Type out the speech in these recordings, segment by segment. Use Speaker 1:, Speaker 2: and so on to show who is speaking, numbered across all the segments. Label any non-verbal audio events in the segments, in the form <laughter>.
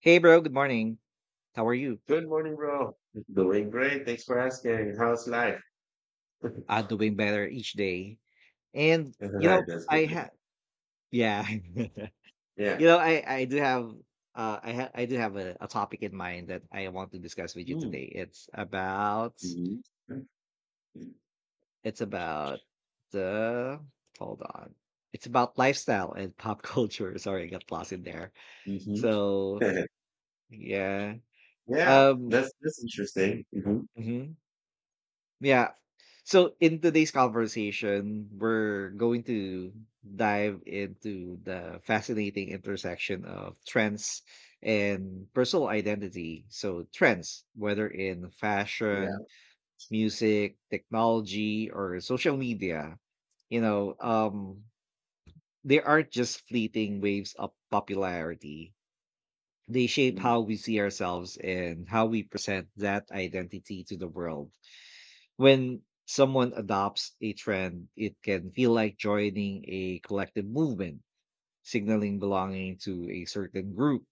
Speaker 1: Hey bro, good morning. How are you?
Speaker 2: Good morning, bro. Doing great. Thanks for asking. How's life? <laughs> All
Speaker 1: Doing better each day. And you
Speaker 2: right,
Speaker 1: know,
Speaker 2: that's good.
Speaker 1: I have yeah. <laughs> you
Speaker 2: Yeah.
Speaker 1: know, I do have I ha- I do have a topic in mind that I want to discuss with you
Speaker 2: Mm.
Speaker 1: today.
Speaker 2: Mm-hmm.
Speaker 1: It's about the hold on. It's about lifestyle and pop culture. <laughs> Sorry, I got lost in there.
Speaker 2: Mm-hmm.
Speaker 1: So
Speaker 2: <laughs>
Speaker 1: yeah.
Speaker 2: Yeah,
Speaker 1: Um
Speaker 2: that's interesting. Hmm.
Speaker 1: mhm. Yeah. So in today's conversation, we're going to dive into the fascinating intersection of trends and personal identity. So trends, whether in
Speaker 2: Yeah.
Speaker 1: fashion, music, technology, or social media, you know, um, they aren't just fleeting waves of popularity. They shape
Speaker 2: Mm.
Speaker 1: how we see ourselves and how we present that identity to the world. When someone adopts a trend, it can feel like joining a collective movement, signaling belonging to a certain group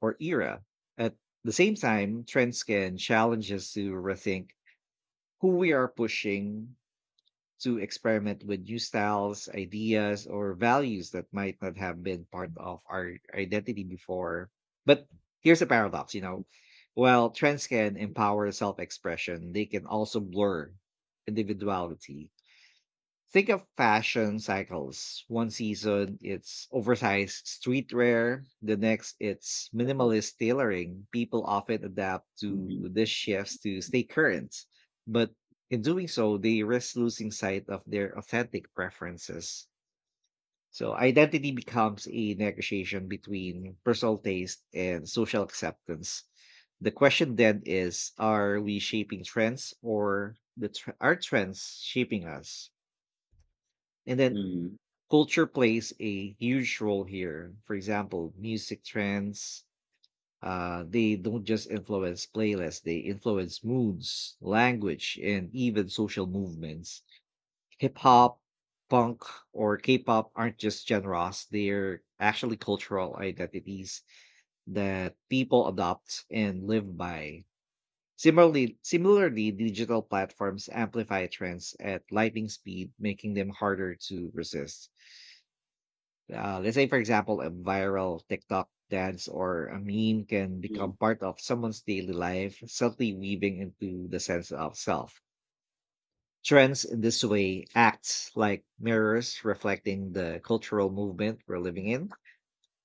Speaker 1: or era. At the same time, trends can challenge us to rethink who we are, pushing to experiment with new styles, ideas, or values that might not have been part of our identity before. But here's a paradox, you know. While trends can empower self expression, they can also blur individuality. Think of fashion cycles. One season it's oversized streetwear, the next it's minimalist tailoring. People often adapt to
Speaker 2: Mm-hmm.
Speaker 1: these shifts to stay current, but in doing so, they risk losing sight of their authentic preferences. So identity becomes a negotiation between personal taste and social acceptance. The question then is, are we shaping trends, or are trends shaping us? And then
Speaker 2: Mm-hmm.
Speaker 1: culture plays a huge role here. For example, music trends, they don't just influence playlists, they influence moods, language, and even social movements. Hip hop, punk, or K pop aren't just genres, they're actually cultural identities that people adopt and live by. Similarly, digital platforms amplify trends at lightning speed, making them harder to resist. Let's say for example, a viral tiktok dance or a meme can become part of someone's daily life, subtly weaving into the sense of self. Trends in this way acts like mirrors reflecting the cultural movement we're living in,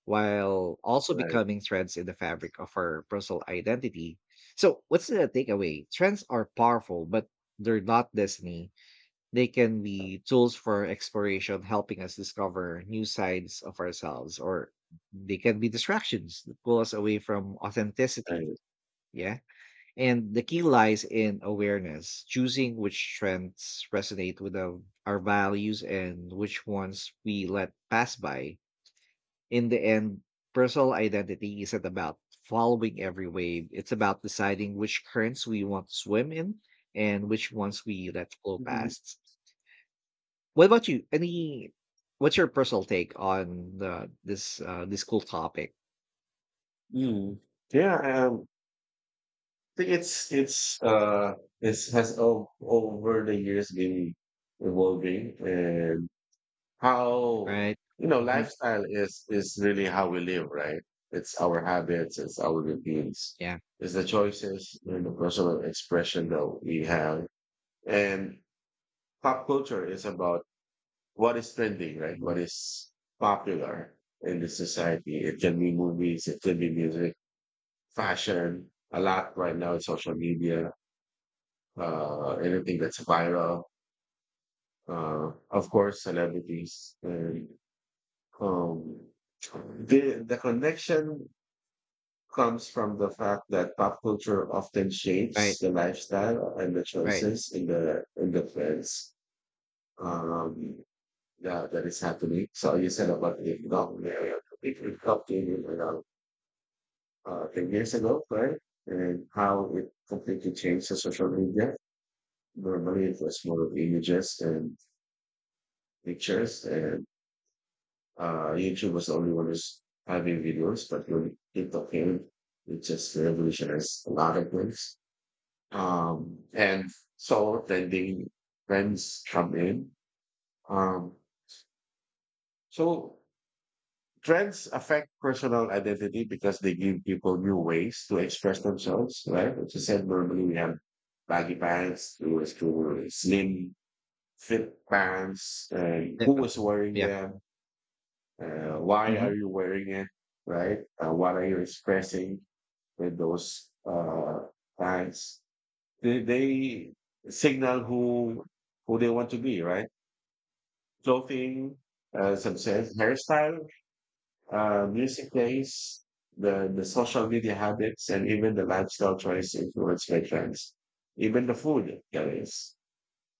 Speaker 1: while also
Speaker 2: Right.
Speaker 1: becoming threads in the fabric of our personal identity. So what's the takeaway? Trends are powerful, but they're not destiny. They can be tools for exploration, helping us discover new sides of ourselves, or they can be distractions that pull us away from authenticity.
Speaker 2: Right.
Speaker 1: Yeah. And the key lies in awareness, choosing which trends resonate with our values and which ones we let pass by. In the end, personal identity isn't about following every wave, it's about deciding which currents we want to swim in and which ones we let flow
Speaker 2: Hmm.
Speaker 1: past. What about you? Any— what's your personal take on the this this cool topic,
Speaker 2: Mm. Yeah. I think it's has over the years been evolving. And how,
Speaker 1: right? Hmm.
Speaker 2: lifestyle is really how we live, right? It's our habits, it's our routines,
Speaker 1: Yeah.
Speaker 2: it's the choices and the personal expression that we have. And pop culture is about what is trending, right? What is popular in the society? It can be movies, it can be music, fashion, a lot right now in social media, anything that's viral, of course celebrities. And Um, the connection comes from the fact that pop culture often
Speaker 1: Right,
Speaker 2: shapes the lifestyle and the
Speaker 1: right.
Speaker 2: choices in the trends, um, that is happening. So you said about the economy, it helped you around 10 years ago, right? And how it completely changed the social media. Normally it was more of images and pictures. And YouTube was the only one who's having videos, but when TikTok came, it just revolutionized a lot of things. And so trending trends come in. Um, so trends affect personal identity because they give people new ways to express themselves, right? As I said, normally we have baggy pants, who was to slim fit pants, and who was
Speaker 1: Definitely.
Speaker 2: wearing
Speaker 1: Yeah.
Speaker 2: them, why are
Speaker 1: Mhm.
Speaker 2: you wearing it, right? What are you expressing with those tags? They signal who they want to be, right? Clothing, success, hairstyle, music taste, the social media habits, and even the lifestyle choice influence by trends, even the food that is.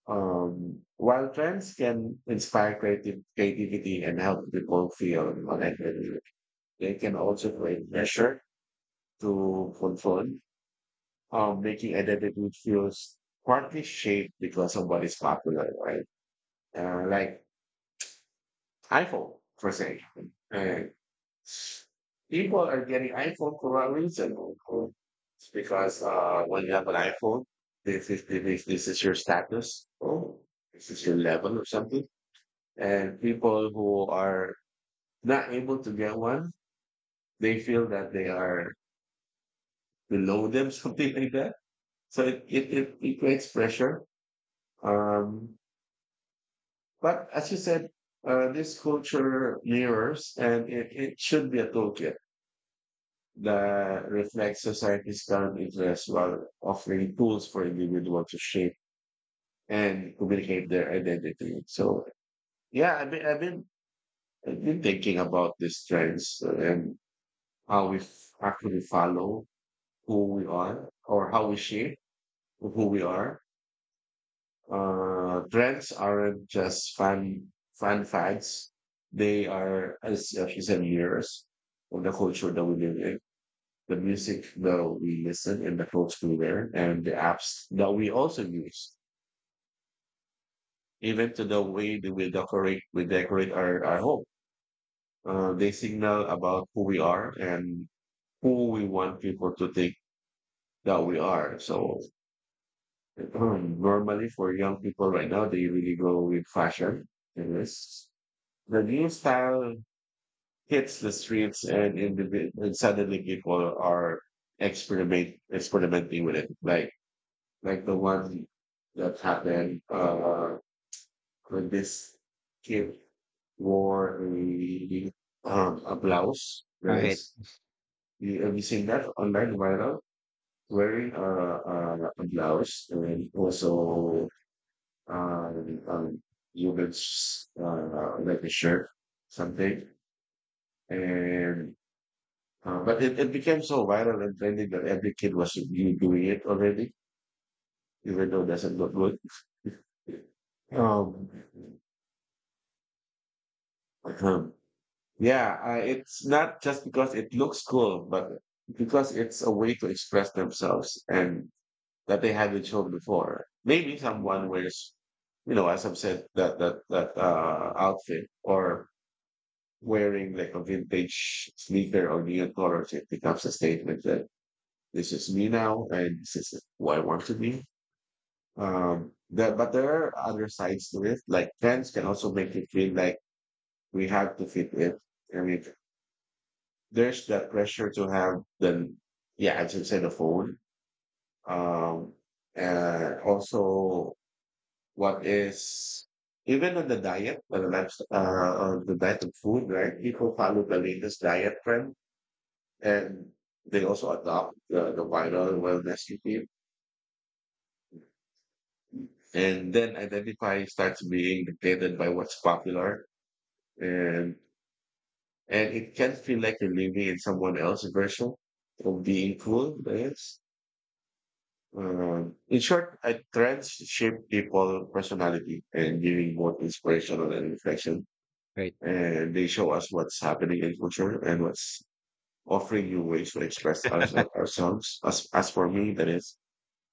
Speaker 2: While trends can inspire creative creativity and help people feel connected, they can also create pressure to control, making identity feels partly shaped because of what is popular, right? Like iPhone, for example. And people are getting iPhone for a reason. Or it's because when you have an iPhone, this is your status, or this is your level or something. And people who are not able to get one, they feel that they are below them, <laughs> something like that. So it creates pressure. Um, but as you said, this culture mirrors, and it should be a toolkit that reflects society's current interests while offering tools for individuals to shape and communicate their identity. So yeah, I've been thinking about these trends, and how we actually follow who we are or how we shape who we are. Trends aren't just fun fads; they are, as you said, mirrors of the culture that we live in, the music that we listen, and the folks we wear, and the apps that we also use. Even to the way that we decorate, our home. They signal about who we are and who we want people to think that we are. So normally for young people right now, they really go with fashion. Yes. The new style hits the streets and suddenly people are experimenting with it. Like the one that happened when this kid wore a blouse that
Speaker 1: Right,
Speaker 2: is. You, have you seen that online viral? Wearing a blouse, and also um, um, you would, like a shirt, something. And it became so viral and trendy that every kid was really doing it already, even though it doesn't look good. Um, um, yeah, I, it's not just because it looks cool, but because it's a way to express themselves and that they haven't shown before. Maybe someone wears, you know, as I've said, that that that outfit, or wearing like a vintage sneaker or neon colors, it becomes a statement that this is me now and this is who I want to be. But there are other sides to it. Like trends can also make you feel like we have to fit in. I mean, there's that pressure to have the, yeah, as you said, the phone. Um, and also what is even on the diet, on the life, on the diet of food, right? People follow the latest diet trend, and they also adopt the viral wellness routine, and then identify starts being dictated by what's popular. And And it can feel like you're living in someone else's version of being cool, I guess. In short, I trends shape people personality and giving both inspirational and reflection.
Speaker 1: right.
Speaker 2: And they show us what's happening in culture and what's offering new ways to express
Speaker 1: <laughs>
Speaker 2: ourselves. As for me, that is,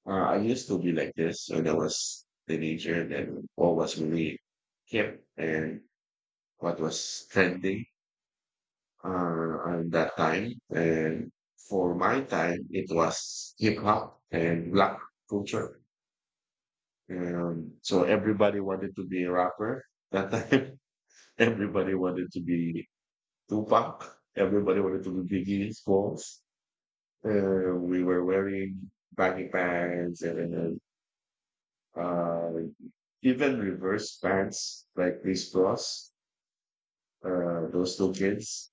Speaker 2: I used to be like this when I was teenager. And then what was really hip and what was trending, at that time. And for my time, it was hip hop and black culture. Everybody wanted to be a rapper that time. <laughs> Everybody wanted to be Tupac. Everybody wanted to be Biggie Smalls. We were wearing baggy pants, and then, uh, even reverse pants like these bros, those two kids.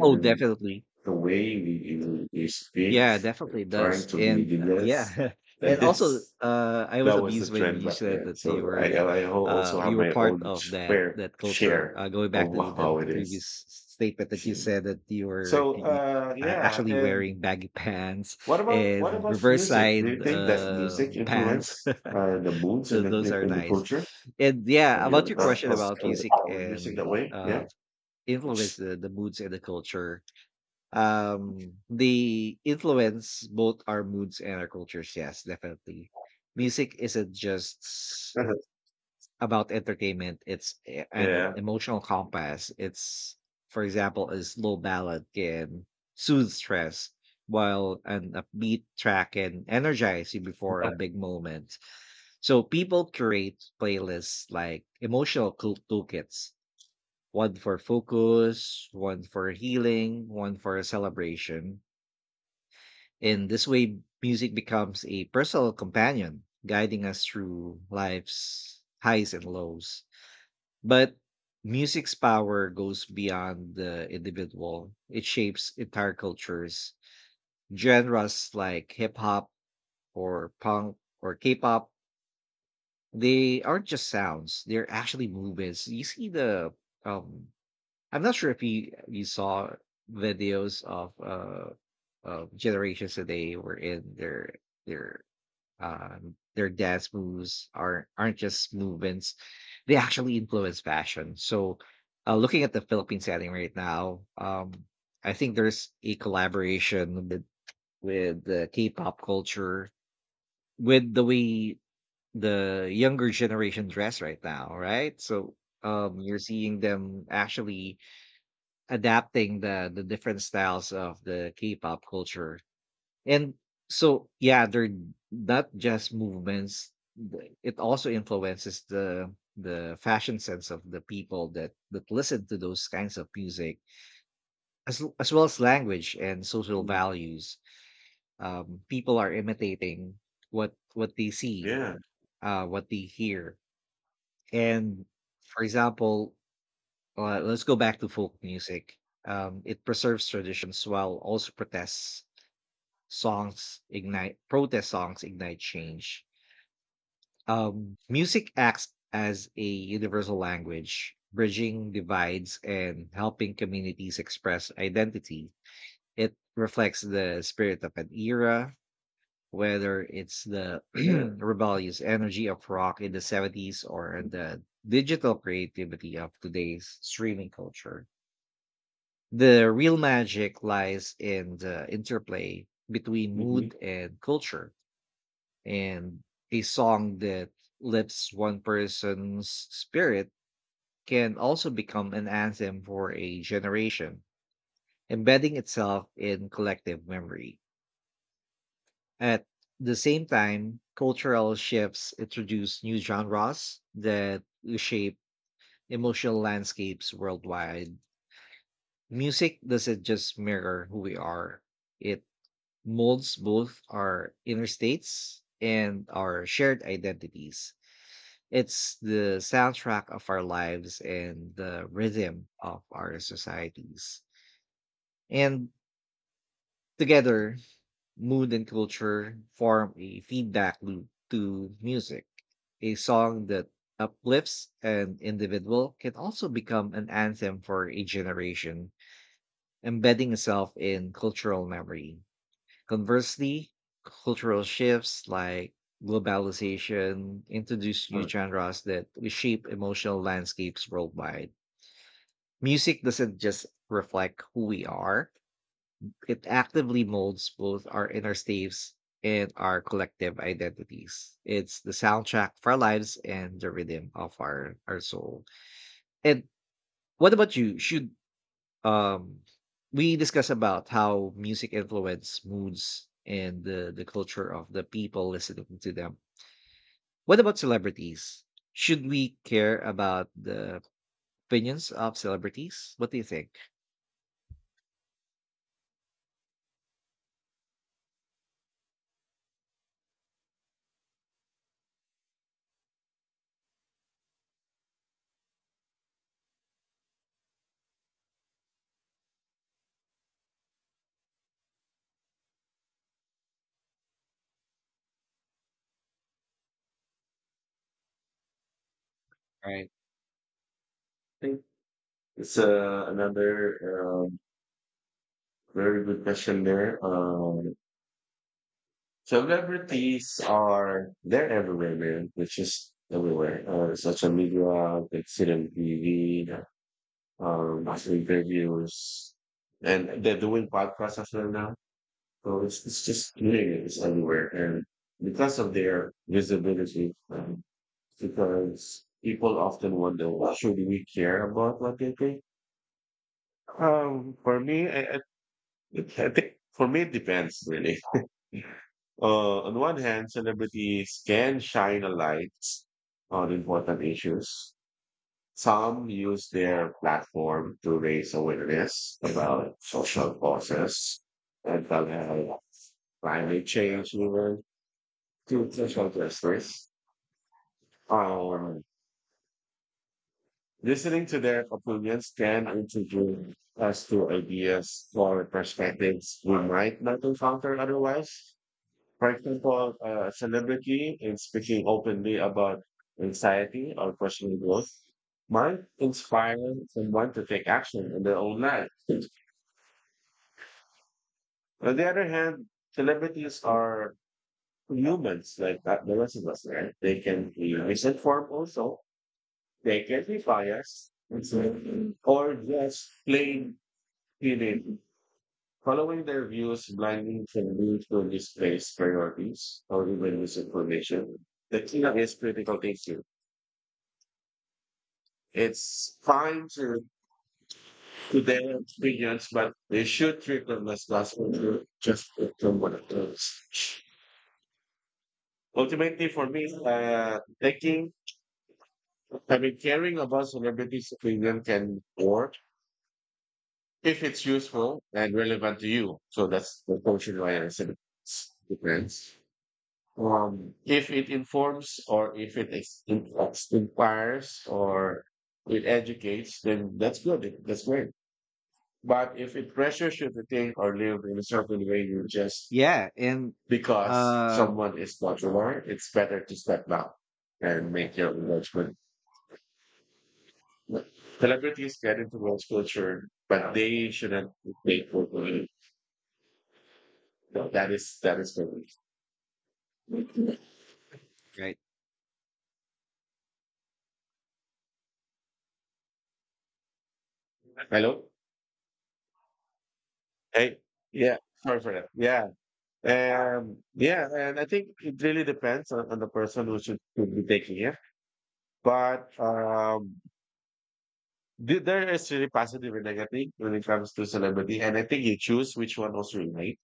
Speaker 1: Oh, definitely.
Speaker 2: the way we speak,
Speaker 1: Yeah, definitely
Speaker 2: trying
Speaker 1: does.
Speaker 2: to be
Speaker 1: And,
Speaker 2: leaders.
Speaker 1: yeah. <laughs>
Speaker 2: That
Speaker 1: And also,
Speaker 2: is,
Speaker 1: I was
Speaker 2: that was the
Speaker 1: amused when
Speaker 2: trend
Speaker 1: you
Speaker 2: back
Speaker 1: said
Speaker 2: then.
Speaker 1: that
Speaker 2: So I also
Speaker 1: you
Speaker 2: have
Speaker 1: were
Speaker 2: my own
Speaker 1: part of that
Speaker 2: fair
Speaker 1: that culture,
Speaker 2: share
Speaker 1: going
Speaker 2: of
Speaker 1: back to
Speaker 2: how
Speaker 1: the
Speaker 2: it is.
Speaker 1: previous statement that you said that
Speaker 2: So, yeah.
Speaker 1: actually
Speaker 2: And
Speaker 1: wearing baggy pants
Speaker 2: what
Speaker 1: and
Speaker 2: about
Speaker 1: reverse
Speaker 2: music? Do you
Speaker 1: side
Speaker 2: think that music
Speaker 1: pants.
Speaker 2: influence,
Speaker 1: <laughs>
Speaker 2: the moods
Speaker 1: So those are
Speaker 2: in the
Speaker 1: nice.
Speaker 2: culture?
Speaker 1: And yeah,
Speaker 2: Have you
Speaker 1: about
Speaker 2: ever
Speaker 1: your
Speaker 2: thought
Speaker 1: question
Speaker 2: of
Speaker 1: about music
Speaker 2: music
Speaker 1: and
Speaker 2: that way?
Speaker 1: uh
Speaker 2: Yeah.
Speaker 1: influence
Speaker 2: <laughs>
Speaker 1: the moods and the culture. They influence both our moods and our cultures. Yes, definitely. Music isn't just about entertainment. It's an
Speaker 2: Yeah.
Speaker 1: emotional compass. It's, for example, a slow ballad can soothe stress, while an upbeat track can energize you before a
Speaker 2: <laughs>
Speaker 1: big moment. So people create playlists like emotional cool toolkits, one for focus, one for healing, one for celebration. In this way, music becomes a personal companion, guiding us through life's highs and lows. But music's power goes beyond the individual, it shapes entire cultures. Genres like hip hop or punk or K pop, they aren't just sounds, they're actually movements. You see the um I'm not sure if you saw videos of generations today, were in their their dance moves aren't just movements. They actually influence fashion. So uh, looking at the Philippine setting right now, um, I think there's a collaboration with the K-pop culture, with the way the younger generation dress right now, right? So um, you're seeing them actually adapting the different styles of the K-pop culture. And so yeah, they're not just movements. It also influences the fashion sense of the people that listen to those kinds of music, as well as language and social
Speaker 2: Mm.
Speaker 1: values. People are imitating what they see,
Speaker 2: Yeah.
Speaker 1: what they hear, and for example, well, let's go back to folk music. It preserves traditions, while also protest songs ignite change. Music acts as a universal language, bridging divides and helping communities express identity. It reflects the spirit of an era, whether it's the
Speaker 2: Yeah.
Speaker 1: <clears throat> rebellious energy of rock in the 70s or the digital creativity of today's streaming culture. The real magic lies in the interplay between mood
Speaker 2: Mm-hmm.
Speaker 1: and culture, and a song that lifts one person's spirit can also become an anthem for a generation, embedding itself in collective memory. At the same time, cultural shifts introduce new genres that shape emotional landscapes worldwide. Music doesn't just mirror who we are, it molds both our inner states and our shared identities. It's the soundtrack of our lives and the rhythm of our societies. And together, mood and culture form a feedback loop to music. A song that uplifts an individual can also become an anthem for a generation, embedding itself in cultural memory. Conversely, cultural shifts like globalization introduce new genres that reshape emotional landscapes worldwide. Music doesn't just reflect who we are, it actively molds both our inner states and our collective identities. It's the soundtrack for our lives and the rhythm of our soul. And what about you? Should um we discuss about how music influence moods and the culture of the people listening to them? What about celebrities? Should we care about the opinions of celebrities? What do you think? Right.
Speaker 2: It's another very good question there. Celebrities are they're everywhere, man. They're just everywhere. Social media, they sit on TV, interviews, and they're doing podcasts as well now. So it's just doing it. It's everywhere, and because of their visibility, because people often wonder, well, should we care about what they think? For me, I think for me, it depends really. On one hand, celebrities can shine a light on important issues. Some use their platform to raise awareness about social causes, mental health, climate change, even to social justice. Um, listening to their opinions can introduce us to ideas or perspectives we might not encounter otherwise. For example, a celebrity in speaking openly about anxiety or personal growth might inspire someone to take action in their own life. On the other hand, celebrities are humans like the rest of us, right? They can be misinformed also. They can be biased and or just plain feeling. Following their views blindly can lead to misplaced priorities or even misinformation. The key is critical thinking. It's fine to their experience, but they should treat them as gospel, to just from one of those. Ultimately, for me, I mean, caring about celebrities' opinion can work if it's useful and relevant to you. So that's the portion why I said it's depends. If it informs, or if it inspires, or it educates, then that's good. That's great. But if it pressures you to think or live in a certain way, you just
Speaker 1: Yeah. and
Speaker 2: because
Speaker 1: uh
Speaker 2: someone is popular, it's better to step back and make your own judgment. Celebrities get into world culture, but they shouldn't make world culture. So that is for me.
Speaker 1: Right.
Speaker 2: Hello. Hey. Yeah. Sorry for that. Yeah. Yeah. And I think it really depends on the person who should be taking it. But there is really positive and negative when it comes to celebrity, and I think you choose which one was right.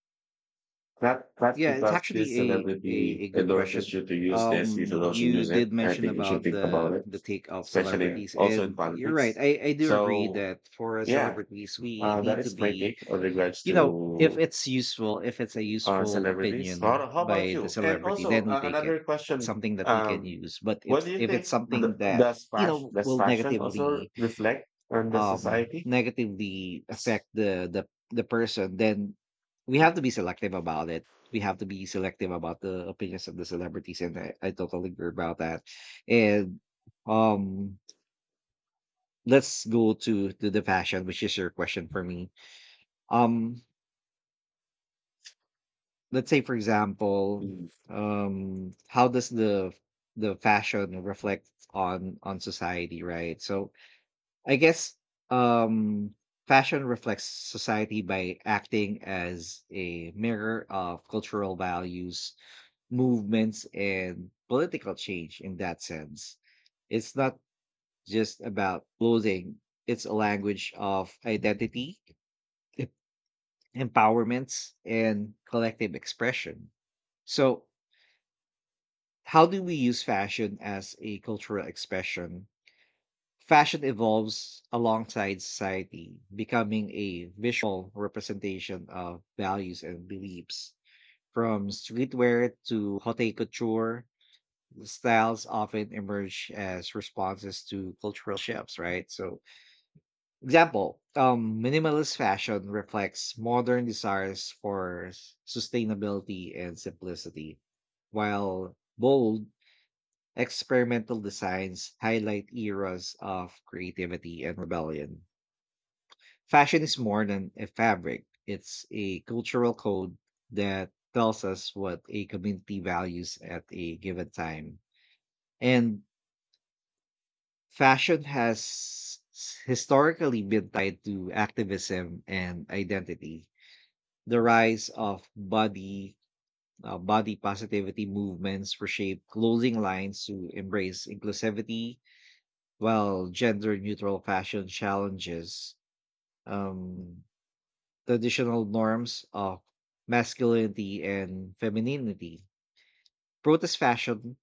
Speaker 2: Not
Speaker 1: Yeah, it's
Speaker 2: because this
Speaker 1: actually
Speaker 2: celebrity
Speaker 1: a good
Speaker 2: endorses
Speaker 1: question.
Speaker 2: you to use this, you
Speaker 1: Um,
Speaker 2: should also
Speaker 1: you
Speaker 2: use it.
Speaker 1: did
Speaker 2: I
Speaker 1: mention
Speaker 2: think you should
Speaker 1: about
Speaker 2: think about it,
Speaker 1: the take of
Speaker 2: especially
Speaker 1: celebrities,
Speaker 2: also in
Speaker 1: and you're right.
Speaker 2: politics.
Speaker 1: I do agree
Speaker 2: So
Speaker 1: that for
Speaker 2: yeah,
Speaker 1: celebrities we
Speaker 2: that
Speaker 1: need to
Speaker 2: is my
Speaker 1: be—
Speaker 2: take on regards
Speaker 1: you know, if
Speaker 2: to
Speaker 1: it's useful, if it's a useful
Speaker 2: celebrities.
Speaker 1: opinion
Speaker 2: How about
Speaker 1: by the
Speaker 2: you? And
Speaker 1: celebrity,
Speaker 2: also
Speaker 1: then we take it.
Speaker 2: another question:
Speaker 1: Something that we can
Speaker 2: um,
Speaker 1: use. But
Speaker 2: what do you
Speaker 1: if it's
Speaker 2: think,
Speaker 1: something that you know
Speaker 2: does
Speaker 1: will
Speaker 2: fashion also reflect on the society?
Speaker 1: negatively affect the person, then we have to be selective about it. We have to be selective about the opinions of the celebrities, and I totally agree about that. And um, let's go to the fashion, which is your question for me. Um, Let's say for example, how does the fashion reflect on society, right? So I guess um, fashion reflects society by acting as a mirror of cultural values, movements, and political change in that sense. It's not just about clothing, it's a language of identity, empowerments, and collective expression. So how do we use fashion as a cultural expression? Fashion evolves alongside society, becoming a visual representation of values and beliefs. From streetwear to haute couture, the styles often emerge as responses to cultural shifts, right? So, example, minimalist fashion reflects modern desires for sustainability and simplicity, while bold experimental designs highlight eras of creativity and rebellion. Fashion is more than a fabric, it's a cultural code that tells us what a community values at a given time. And fashion has historically been tied to activism and identity. The rise of body positivity movements reshaped clothing lines to embrace inclusivity, while gender neutral fashion challenges um, traditional norms of masculinity and femininity. Protest fashion,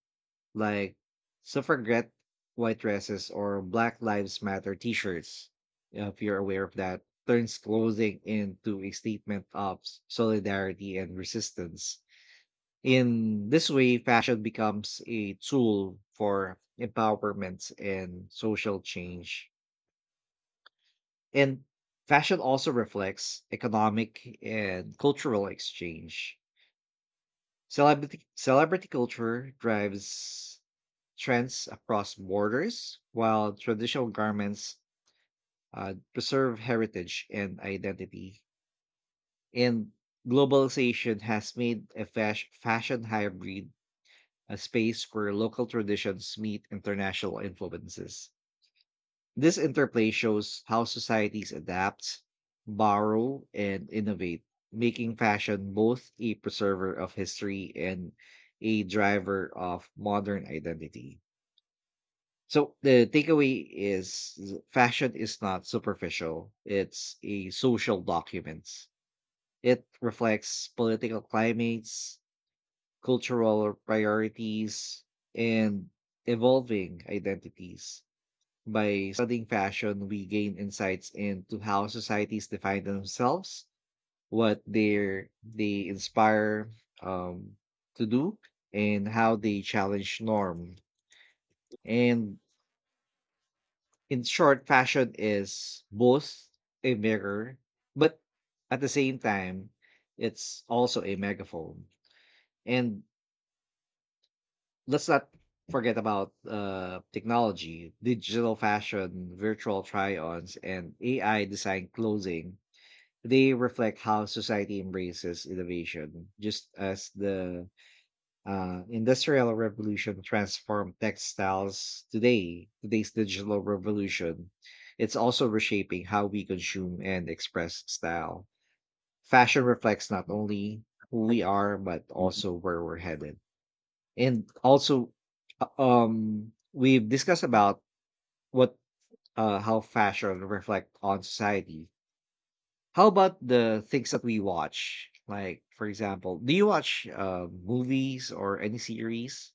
Speaker 1: like suffragette white dresses or Black Lives Matter t shirts, if you're aware of that, turns clothing into a statement of solidarity and resistance. In this way, fashion becomes a tool for empowerment and social change. And fashion also reflects economic and cultural exchange. Celebrity culture drives trends across borders, while traditional garments preserve heritage and identity. And globalization has made fashion hybrid, a space where local traditions meet international influences. This interplay shows how societies adapt, borrow, and innovate, making fashion both a preserver of history and a driver of modern identity. So the takeaway is fashion is not superficial, it's a social document. It reflects political climates, cultural priorities, and evolving identities. By studying fashion, we gain insights into how societies define themselves, what they inspire um, to do, and how they challenge norm. And in short, fashion is both a mirror, but at the same time, it's also a megaphone. And let's not forget about technology, digital fashion, virtual try-ons, and AI design clothing. They reflect how society embraces innovation, just as the industrial revolution transformed textiles. Today, today's digital revolution, it's also reshaping how we consume and express style. Fashion reflects not only who we are, but
Speaker 2: Mhm.
Speaker 1: also where we're headed. And also, we've discussed about what, how fashion reflect on society. How about the things that we watch? Like, for example, do you watch movies or any series?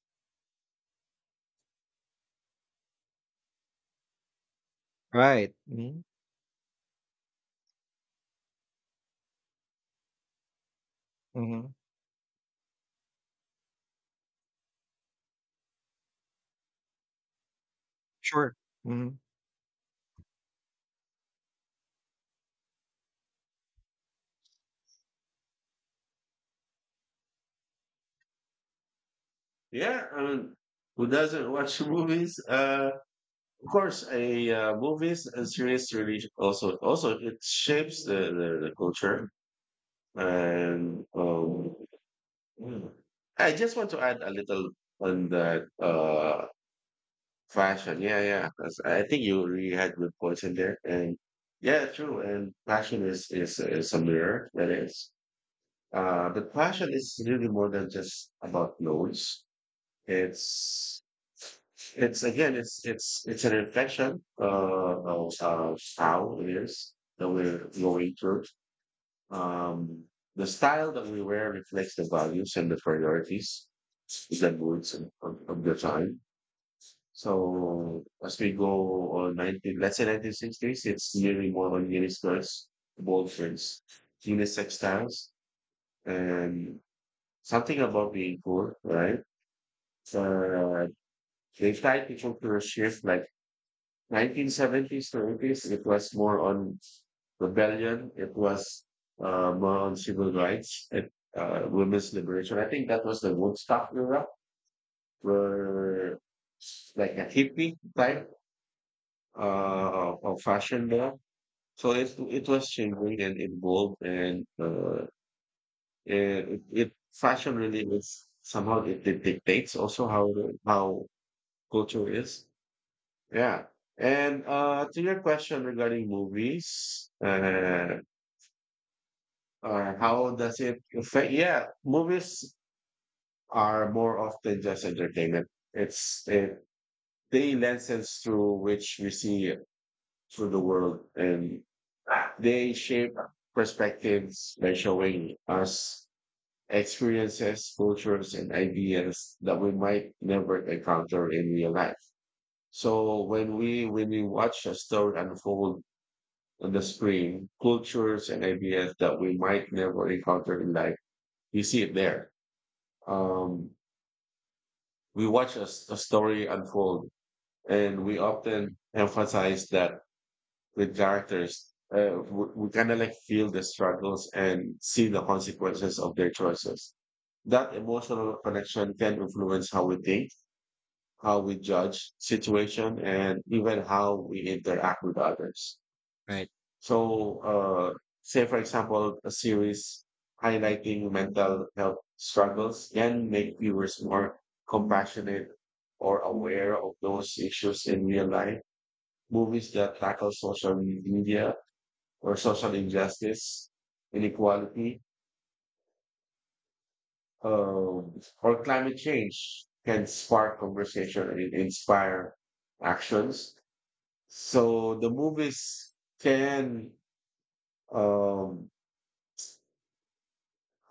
Speaker 1: Right. Hmm. Hmm. Sure. Hmm.
Speaker 2: Yeah, I mean, who doesn't watch <laughs> movies? Of course, a movies and series really also it shapes the culture. And mm. I just want to add a little on that fashion. Yeah, yeah, 'cause I think you really had good points in there. And yeah, true. And fashion is a mirror. That is. But fashion is really more than just about clothes. It's it's again, it's an infection, of how it is that we're going through. Um, the style that we wear reflects the values and the priorities, the moods of the time. So as we go on let's say 1960s, it's nearly more on miniskirts, bold prints, unisex styles, and something about being cool, right? Uh, they tied people to cultural shift like 1970s to 80s. It was more on rebellion. It was more on civil rights and women's liberation. I think that was the Woodstock era where like a hippie type of fashion there. So it was changing and evolved, and it, it fashion really is somehow it dictates also how how culture is. Yeah. And to your question regarding movies, or how does it affect? Yeah, movies are more often just entertainment. It's a They lenses through which we see through the world, and they shape perspectives by showing us experiences, cultures, and ideas that we might never encounter in real life. So when we watch a story unfold on the screen, cultures and ideas that we might never encounter in life. You see it there. Um, we watch a story unfold, and we often emphasize that with characters. We kind of like feel the struggles and see the consequences of their choices. That emotional connection can influence how we think, how we judge situation, and even how we interact with others.
Speaker 1: Right.
Speaker 2: So, say for example, a series highlighting mental health struggles can make viewers more compassionate or aware of those issues in real life. Movies that tackle social media or social injustice, inequality, or climate change can spark conversation and inspire actions. So the movies can, um,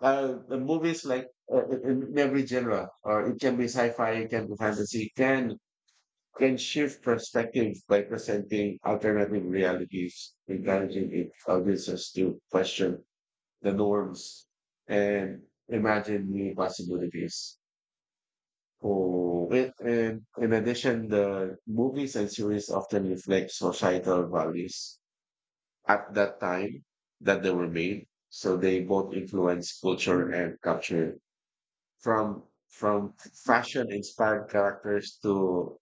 Speaker 2: the movies like in every genre, or it can be sci-fi, it can be fantasy, can shift perspective by presenting alternative realities, encouraging audiences to question the norms and imagine new possibilities. Oh, and in addition, the movies and series often reflect societal values at that time that they were made. So they both influence culture and culture from fashion inspired characters to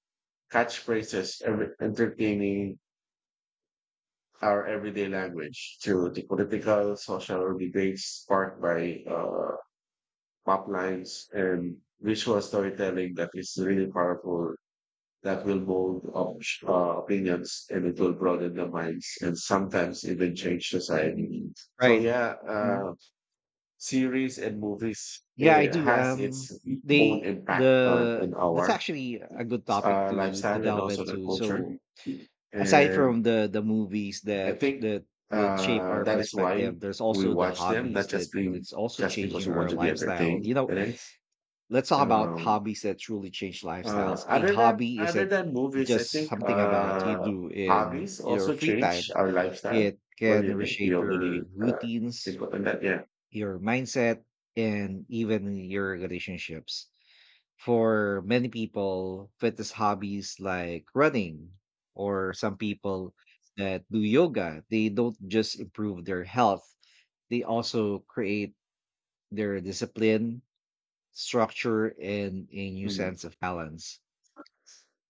Speaker 2: catchphrases, every, entertaining our everyday language to the political, social debates sparked by pop lines and visual storytelling that is really powerful that will mold opinions, and it will broaden the minds and sometimes even change society. So
Speaker 1: Right.
Speaker 2: yeah,
Speaker 1: Hmm.
Speaker 2: series and movies
Speaker 1: Yeah, I
Speaker 2: it
Speaker 1: do.
Speaker 2: has its own
Speaker 1: They
Speaker 2: impact
Speaker 1: the
Speaker 2: on
Speaker 1: That's
Speaker 2: our
Speaker 1: actually a good topic to
Speaker 2: lifestyle and
Speaker 1: delve
Speaker 2: also the
Speaker 1: into.
Speaker 2: culture.
Speaker 1: So aside
Speaker 2: And
Speaker 1: from the movies
Speaker 2: I
Speaker 1: that
Speaker 2: think
Speaker 1: that that shape our
Speaker 2: that is why
Speaker 1: perspective, there's
Speaker 2: we
Speaker 1: also the
Speaker 2: watch them,
Speaker 1: hobbies
Speaker 2: not
Speaker 1: that
Speaker 2: just being
Speaker 1: that's also
Speaker 2: just because
Speaker 1: changing
Speaker 2: we want
Speaker 1: our
Speaker 2: to be
Speaker 1: lifestyle.
Speaker 2: entertained.
Speaker 1: You know,
Speaker 2: Right?
Speaker 1: let's talk about
Speaker 2: Um,
Speaker 1: hobbies that truly change lifestyles. A
Speaker 2: Other than
Speaker 1: hobby
Speaker 2: other
Speaker 1: isn't
Speaker 2: than movies, I
Speaker 1: just
Speaker 2: think
Speaker 1: something about you do in
Speaker 2: hobbies
Speaker 1: your
Speaker 2: also
Speaker 1: free
Speaker 2: change
Speaker 1: time.
Speaker 2: our lifestyle.
Speaker 1: It
Speaker 2: What do
Speaker 1: can
Speaker 2: you think? Do you
Speaker 1: reshape
Speaker 2: have any
Speaker 1: your routines,
Speaker 2: input on that? Yeah.
Speaker 1: your mindset, and even your relationships. For many people, fitness hobbies like running, or some people that do yoga, they don't just improve their health, they also create their discipline, structure, and a new
Speaker 2: Mm.
Speaker 1: sense of balance.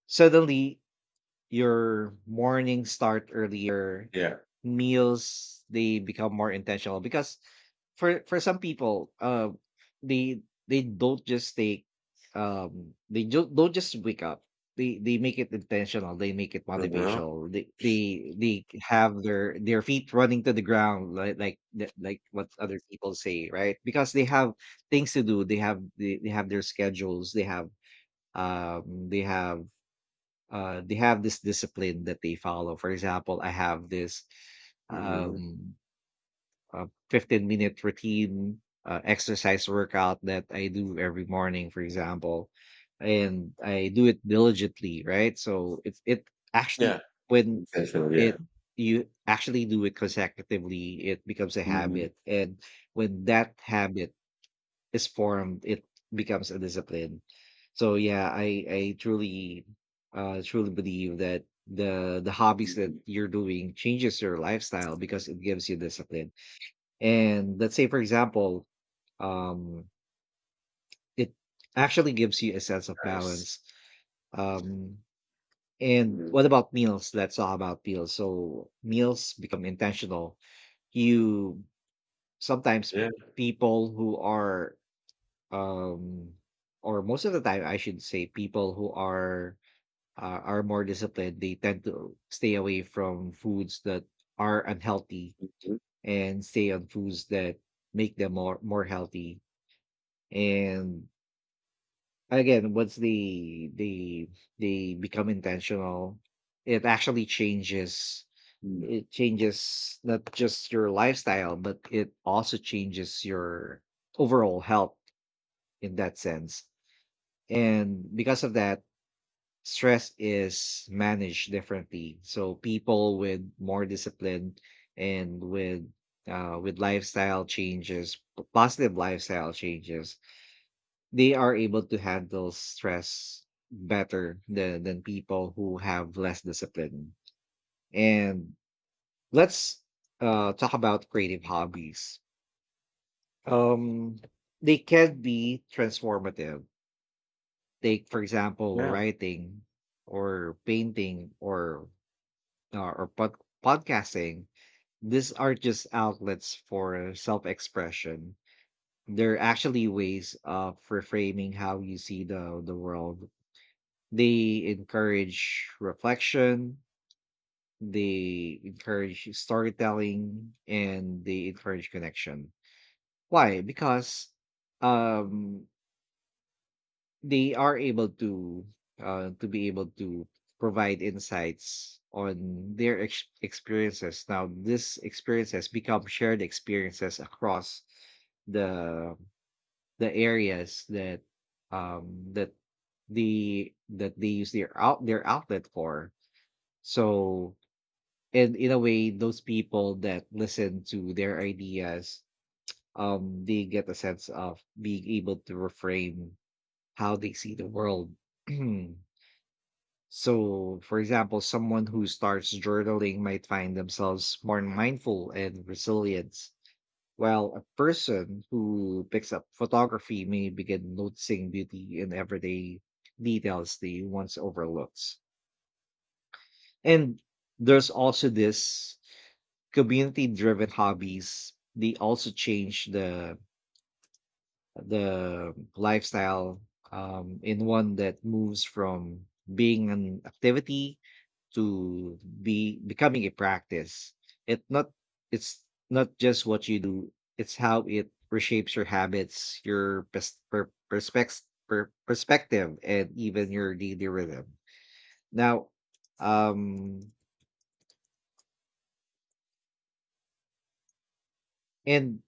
Speaker 1: Suddenly, your morning start earlier,
Speaker 2: Yeah.
Speaker 1: meals they become more intentional because for some people, they don't just take, they do, don't just wake up. They make it intentional. They make it
Speaker 2: Mhm.
Speaker 1: motivational. They have their feet running to the ground like the- like what other people say, right? Because they have things to do. They have their schedules. They have they have they have this discipline that they follow. For example, I have this
Speaker 2: Mhm.
Speaker 1: um, a 15-minute routine exercise workout that I do every morning, for example, and I do it diligently, right? So it actually
Speaker 2: Yeah.
Speaker 1: when
Speaker 2: Definitely, yeah.
Speaker 1: it you actually do it consecutively, it becomes a
Speaker 2: Mhm.
Speaker 1: habit, and when that habit is formed, it becomes a discipline. So yeah, I truly truly believe that the hobbies that
Speaker 2: Mhm.
Speaker 1: you're doing changes your lifestyle because it gives you discipline. And let's say for example, um it actually gives you a sense of
Speaker 2: Nice.
Speaker 1: balance. Um and
Speaker 2: Mhm.
Speaker 1: what about meals? Let's talk about meals. So meals become intentional. You sometimes
Speaker 2: Yeah.
Speaker 1: people who are um or most of the time I should say people who are more disciplined, they tend to stay away from foods that are unhealthy
Speaker 2: Mhm.
Speaker 1: and stay on foods that make them more healthy, and again once they become intentional, it actually changes,
Speaker 2: Mm.
Speaker 1: it changes not just your lifestyle but it also changes your overall health in that sense. And because of that, stress is managed differently. So people with more discipline and with lifestyle changes, positive lifestyle changes, they are able to handle stress better than people who have less discipline. And let's talk about creative hobbies. Um, they can be transformative. Take, for example,
Speaker 2: Yeah,
Speaker 1: writing or painting or uh, or pod- podcasting, these are just outlets for self expression. They're actually ways of reframing how you see the world. They encourage reflection, they encourage storytelling, and they encourage connection. Why? Because um they are able to uh, to be able to provide insights on their experiences. Now these experiences become shared experiences across the the areas that um that the that they use their out their outlet for. So and in a way those people that listen to their ideas, they get a sense of being able to reframe how they see the world. <clears throat> So, for example, someone who starts journaling might find themselves more mindful and resilient, while a person who picks up photography may begin noticing beauty in everyday details they once overlooked. And there's also this community driven hobbies, they also change the lifestyle in one that moves from being an activity to be becoming a practice. It not it's not just what you do, it's how it reshapes your habits, your perspective and even your daily rhythm. Now, um and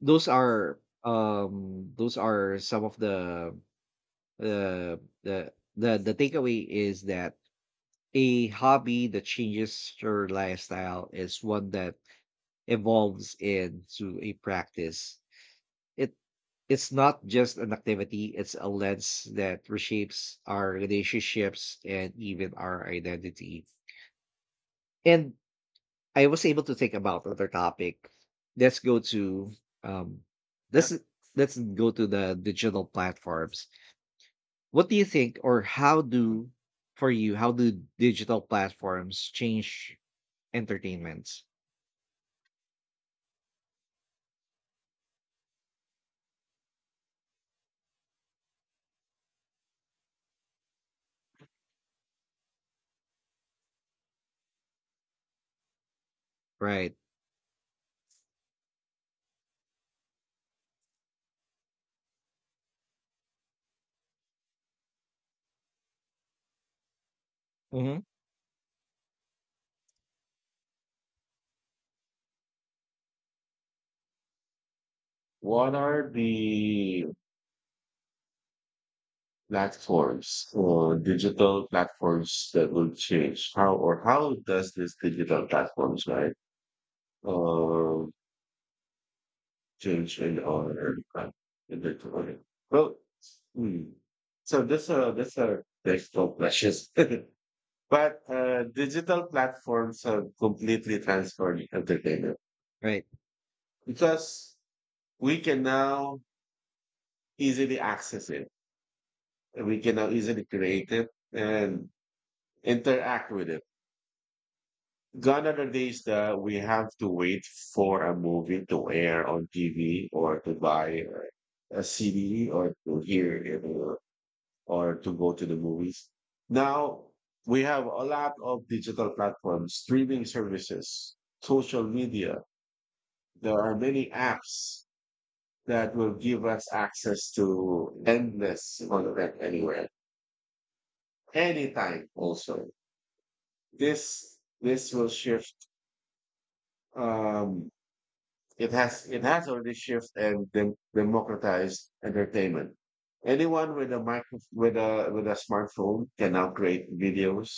Speaker 1: those are some of the the takeaway is that a hobby that changes your lifestyle is one that evolves into a practice. It it's not just an activity, it's a lens that reshapes our relationships and even our identity. And I was able to think about other topic. Let's go to um
Speaker 2: yeah.
Speaker 1: this is- let's go to the digital platforms. What do you think, or how do, for you how do digital platforms change entertainment? Right. Mm-hmm.
Speaker 2: What are the platforms or digital platforms that will change? How, or how does this digital platforms, right, uh, change in our in the economy? Well, mm. So this this are digital precious. <laughs> But digital platforms have completely transformed entertainment
Speaker 1: Right.
Speaker 2: because we can now easily access it, and we can now easily create it and interact with it. Gone are the days that we have to wait for a movie to air on TV or to buy a CD or to hear it, or to go to the movies. Now we have a lot of digital platforms, streaming services, social media. There are many apps that will give us access to endless content anywhere anytime. Also, this will shift, um, it has, it has already shifted and democratized entertainment. Anyone with a with a smartphone can now create videos,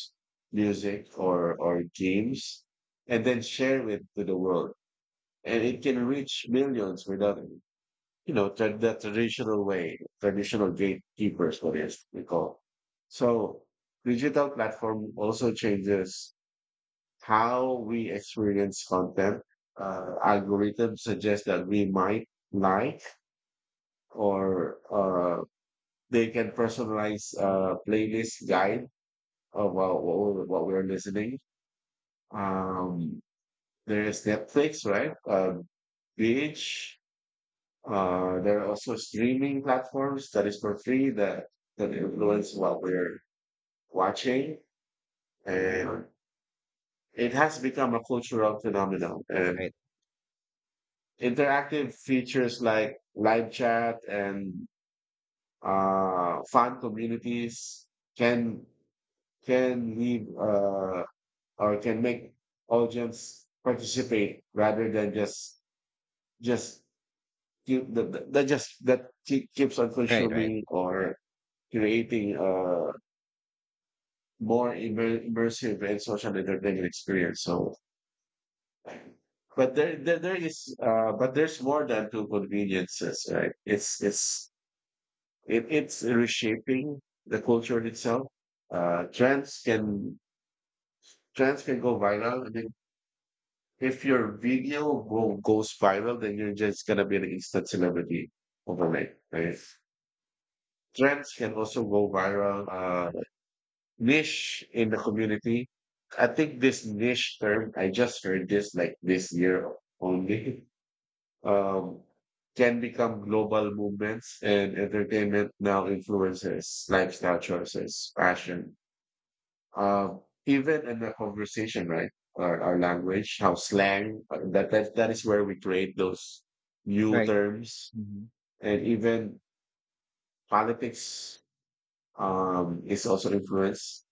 Speaker 2: music, or games, and then share it to the world, and it can reach millions without, you know, the traditional way, traditional gatekeepers, what is we call. So digital platform also changes how we experience content. Algorithms suggest that we might like, or they can personalize playlist guide of we're- what we're listening. Um, there is Netflix, right? Beach. There are also streaming platforms that is for free that, that influence what we're watching. And it has become a cultural phenomenon. And
Speaker 1: Right.
Speaker 2: interactive features like live chat and fan communities can can leave or can make audience participate rather than just keep that just that keeps on
Speaker 1: Right. Right.
Speaker 2: consuming, or creating a more immersive and social entertainment experience. So, but there is, but there's more than two conveniences, right? It's it's reshaping the culture itself. Uh, trends can trends can go viral. I mean, if your video goes viral, then you're just gonna be an instant celebrity overnight. Right? Trends can also go viral. Niche in the community. I think this niche term I just heard this like this year only. <laughs> Um, can become global movements, and entertainment now influences lifestyle choices, fashion, uh, even in the conversation, right? Our language, how slang, that is where we create those new
Speaker 1: Right.
Speaker 2: terms.
Speaker 1: Mm-hmm.
Speaker 2: And even politics, is also influenced.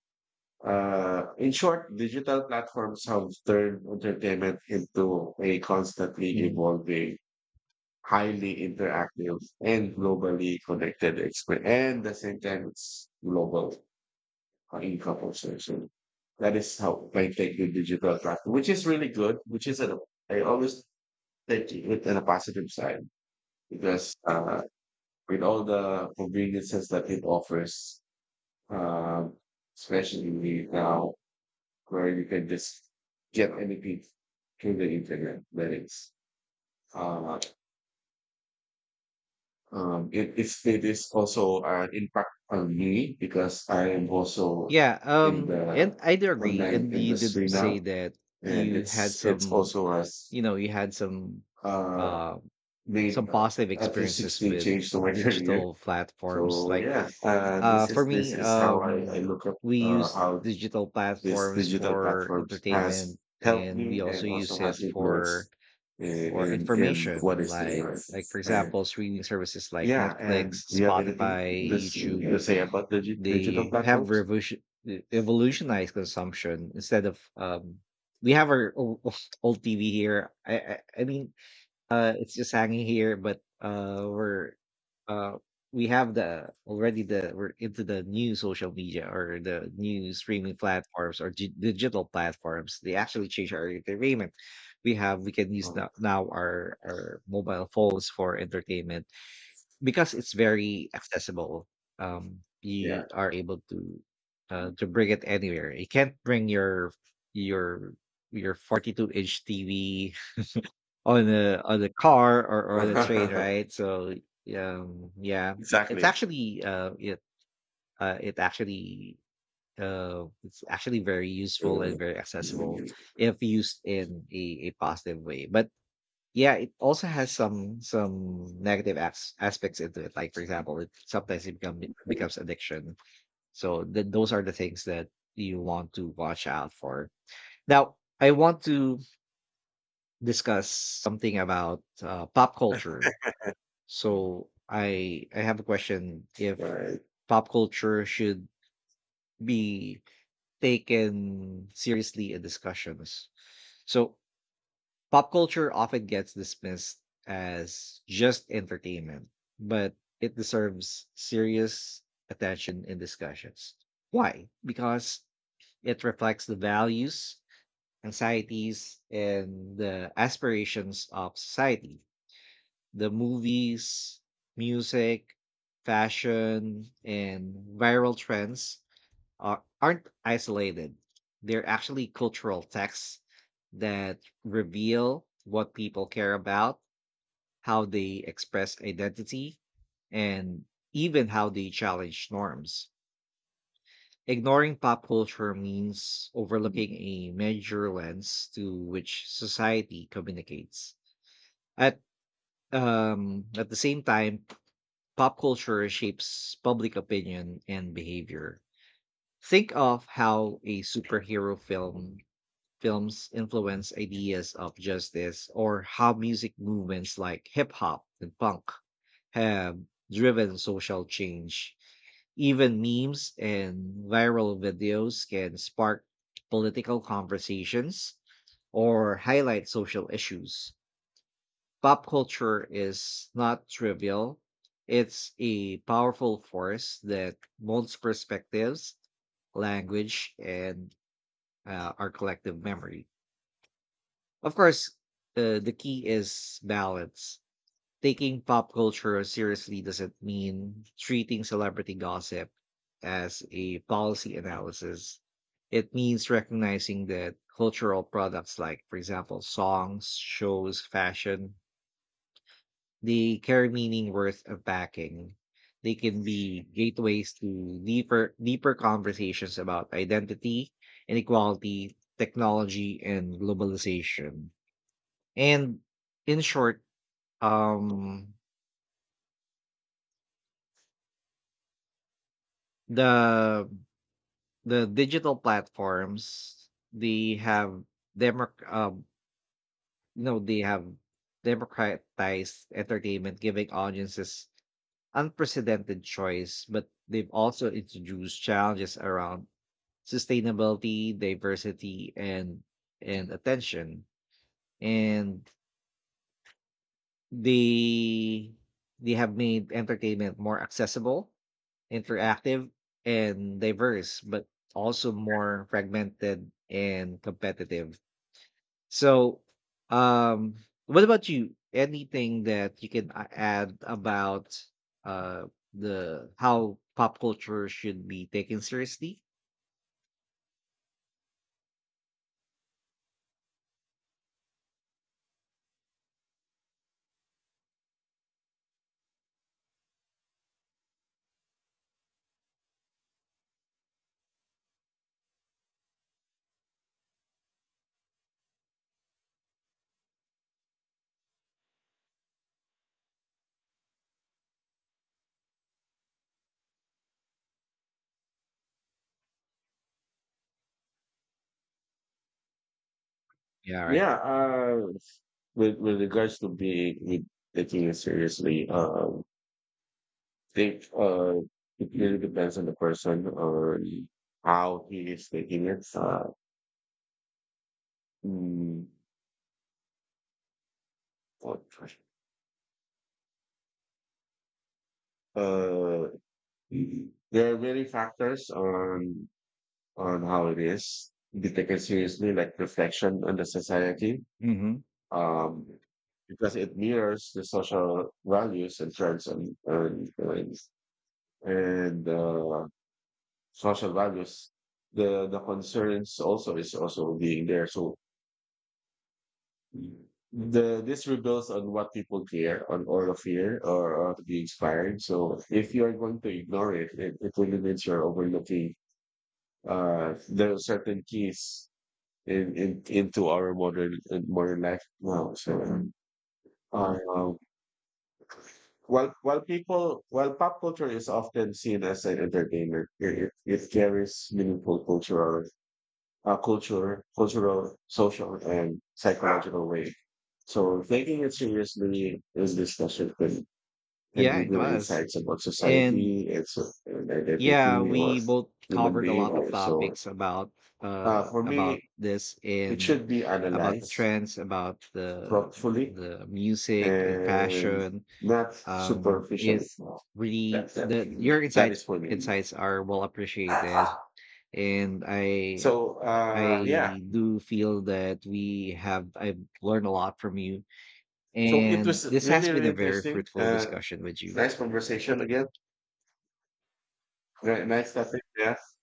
Speaker 2: In short, digital platforms have turned entertainment into a constantly evolving, highly interactive, and globally connected experience. And the same time, it's global, in couples. So, so that is how, like, take the digital tracking, which is really good. Which is a, I always take it on a positive side because, with all the conveniences that it offers, uh, especially now where you can just get anything through the internet, that is. Uh, it is also an impact on me because I am also
Speaker 1: Yeah,
Speaker 2: in the
Speaker 1: and I do agree.
Speaker 2: online
Speaker 1: And you did
Speaker 2: industry now,
Speaker 1: say that
Speaker 2: and
Speaker 1: you had
Speaker 2: it's
Speaker 1: some,
Speaker 2: also has
Speaker 1: you know, you had
Speaker 2: uh
Speaker 1: uh, some
Speaker 2: made
Speaker 1: positive
Speaker 2: at least
Speaker 1: experiences
Speaker 2: 60
Speaker 1: with
Speaker 2: change to my <laughs> career.
Speaker 1: digital platforms.
Speaker 2: So
Speaker 1: Like,
Speaker 2: yeah,
Speaker 1: for
Speaker 2: this
Speaker 1: me,
Speaker 2: is how I look up
Speaker 1: we use
Speaker 2: how
Speaker 1: digital
Speaker 2: this
Speaker 1: platforms
Speaker 2: digital
Speaker 1: for
Speaker 2: platforms has
Speaker 1: entertainment,
Speaker 2: helped
Speaker 1: and we
Speaker 2: me and
Speaker 1: also use
Speaker 2: also has
Speaker 1: it
Speaker 2: influenced
Speaker 1: for
Speaker 2: in what
Speaker 1: information.
Speaker 2: is the era.
Speaker 1: Like for
Speaker 2: And
Speaker 1: example, streaming services like
Speaker 2: yeah, and
Speaker 1: Netflix,
Speaker 2: do you have anything
Speaker 1: Spotify,
Speaker 2: this
Speaker 1: YouTube,
Speaker 2: to say about digital
Speaker 1: they have
Speaker 2: platforms?
Speaker 1: evolutionized consumption instead of we have our old, <laughs> old TV here. I mean it's just hanging here, but we're uh we have the already the we're into the new social media or the new streaming platforms or digital platforms. They actually change our entertainment. We can use
Speaker 2: Oh,
Speaker 1: now, now our mobile phones for entertainment because it's very accessible.
Speaker 2: yeah,
Speaker 1: You are able to bring it anywhere. You can't bring your your your 42-inch TV on a car or on a train,
Speaker 2: <laughs>
Speaker 1: right? So, yeah, it's
Speaker 2: exactly.
Speaker 1: actually it actually it's actually very useful and very accessible if used in a positive way. But yeah, it also has some negative aspects into it. Like for example, it sometimes it becomes addiction. So those are the things that you want to watch out for. Now, I want to discuss something about pop culture. So I have a question: if
Speaker 2: Right.
Speaker 1: pop culture should be taken seriously in discussions. So pop culture often gets dismissed as just entertainment, but it deserves serious attention in discussions. Why? Because it reflects the values, anxieties, and the aspirations of society. The movies, music, fashion, and viral trends aren't isolated. They're actually cultural texts that reveal what people care about, how they express identity, and even how they challenge norms. Ignoring pop culture means overlooking a major lens to which society communicates. At at the same time, pop culture shapes public opinion and behavior. Think of how a superhero films influence ideas of justice, or how music movements like hip hop and punk have driven social change. Even memes and viral videos can spark political conversations or highlight social issues. Pop culture is not trivial. It's a powerful force that molds perspectives, language, and our collective memory. Of course, the key is balance. Taking pop culture seriously doesn't mean treating celebrity gossip as a policy analysis. It means recognizing that cultural products, like, for example, songs, shows, fashion, they carry meaning worth unpacking. They can be gateways to deeper conversations about identity, inequality, technology, and globalization. And in short, um, the the digital platforms they have democ you know they have democratized entertainment, giving audiences unprecedented choice. But they've also introduced challenges around sustainability, diversity, and attention. And they they have made entertainment more accessible, interactive and diverse, but also more fragmented and competitive. So, um, what about you? Anything that you can add about uh, the how pop culture should be taken seriously? Yeah, right.
Speaker 2: Yeah, with regards to being with taking it seriously, think it really depends on the person on how he is taking it. Mm, what- uh, there are many factors on how it is be taken seriously, like reflection on the society,
Speaker 1: Mm-hmm.
Speaker 2: um, because it mirrors the social values and trends and social values, the concerns also is also being there. So the this rebuilds on what people care on, or of fear, or to be inspired. So if you are going to ignore it, it, it will mean you're overlooking, there are certain keys in into our modern in modern life now. So uh, while people while pop culture is often seen as an entertainment, it carries meaningful cultural cultural, social, and psychological way. So taking it seriously, this discussion can
Speaker 1: Yeah, it
Speaker 2: reveal
Speaker 1: was.
Speaker 2: insights about
Speaker 1: And
Speaker 2: society, its and
Speaker 1: yeah,
Speaker 2: identity, or
Speaker 1: we both
Speaker 2: human
Speaker 1: covered a lot of
Speaker 2: behavior. So
Speaker 1: topics
Speaker 2: for
Speaker 1: about
Speaker 2: me,
Speaker 1: this
Speaker 2: it
Speaker 1: and
Speaker 2: should be
Speaker 1: about the
Speaker 2: analyzed
Speaker 1: trends, about
Speaker 2: thoughtfully
Speaker 1: the music and
Speaker 2: and
Speaker 1: fashion.
Speaker 2: not superficially.
Speaker 1: It
Speaker 2: That,
Speaker 1: really
Speaker 2: that,
Speaker 1: the Your
Speaker 2: that
Speaker 1: insights,
Speaker 2: is for me.
Speaker 1: insights are well appreciated, and I
Speaker 2: So yeah,
Speaker 1: I do feel that we have I've learned a lot from you,
Speaker 2: so it
Speaker 1: and
Speaker 2: was
Speaker 1: this has
Speaker 2: really,
Speaker 1: been
Speaker 2: really
Speaker 1: a very
Speaker 2: interesting.
Speaker 1: fruitful discussion with you.
Speaker 2: Nice conversation again. Right, nice talking, yes.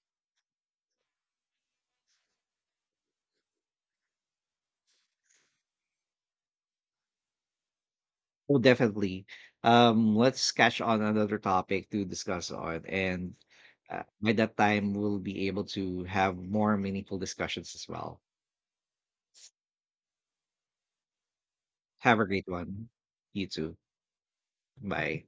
Speaker 1: Oh, definitely. Let's catch on another topic to discuss on, and by that time, we'll be able to have more meaningful discussions as well. Have a great one. You too. Bye.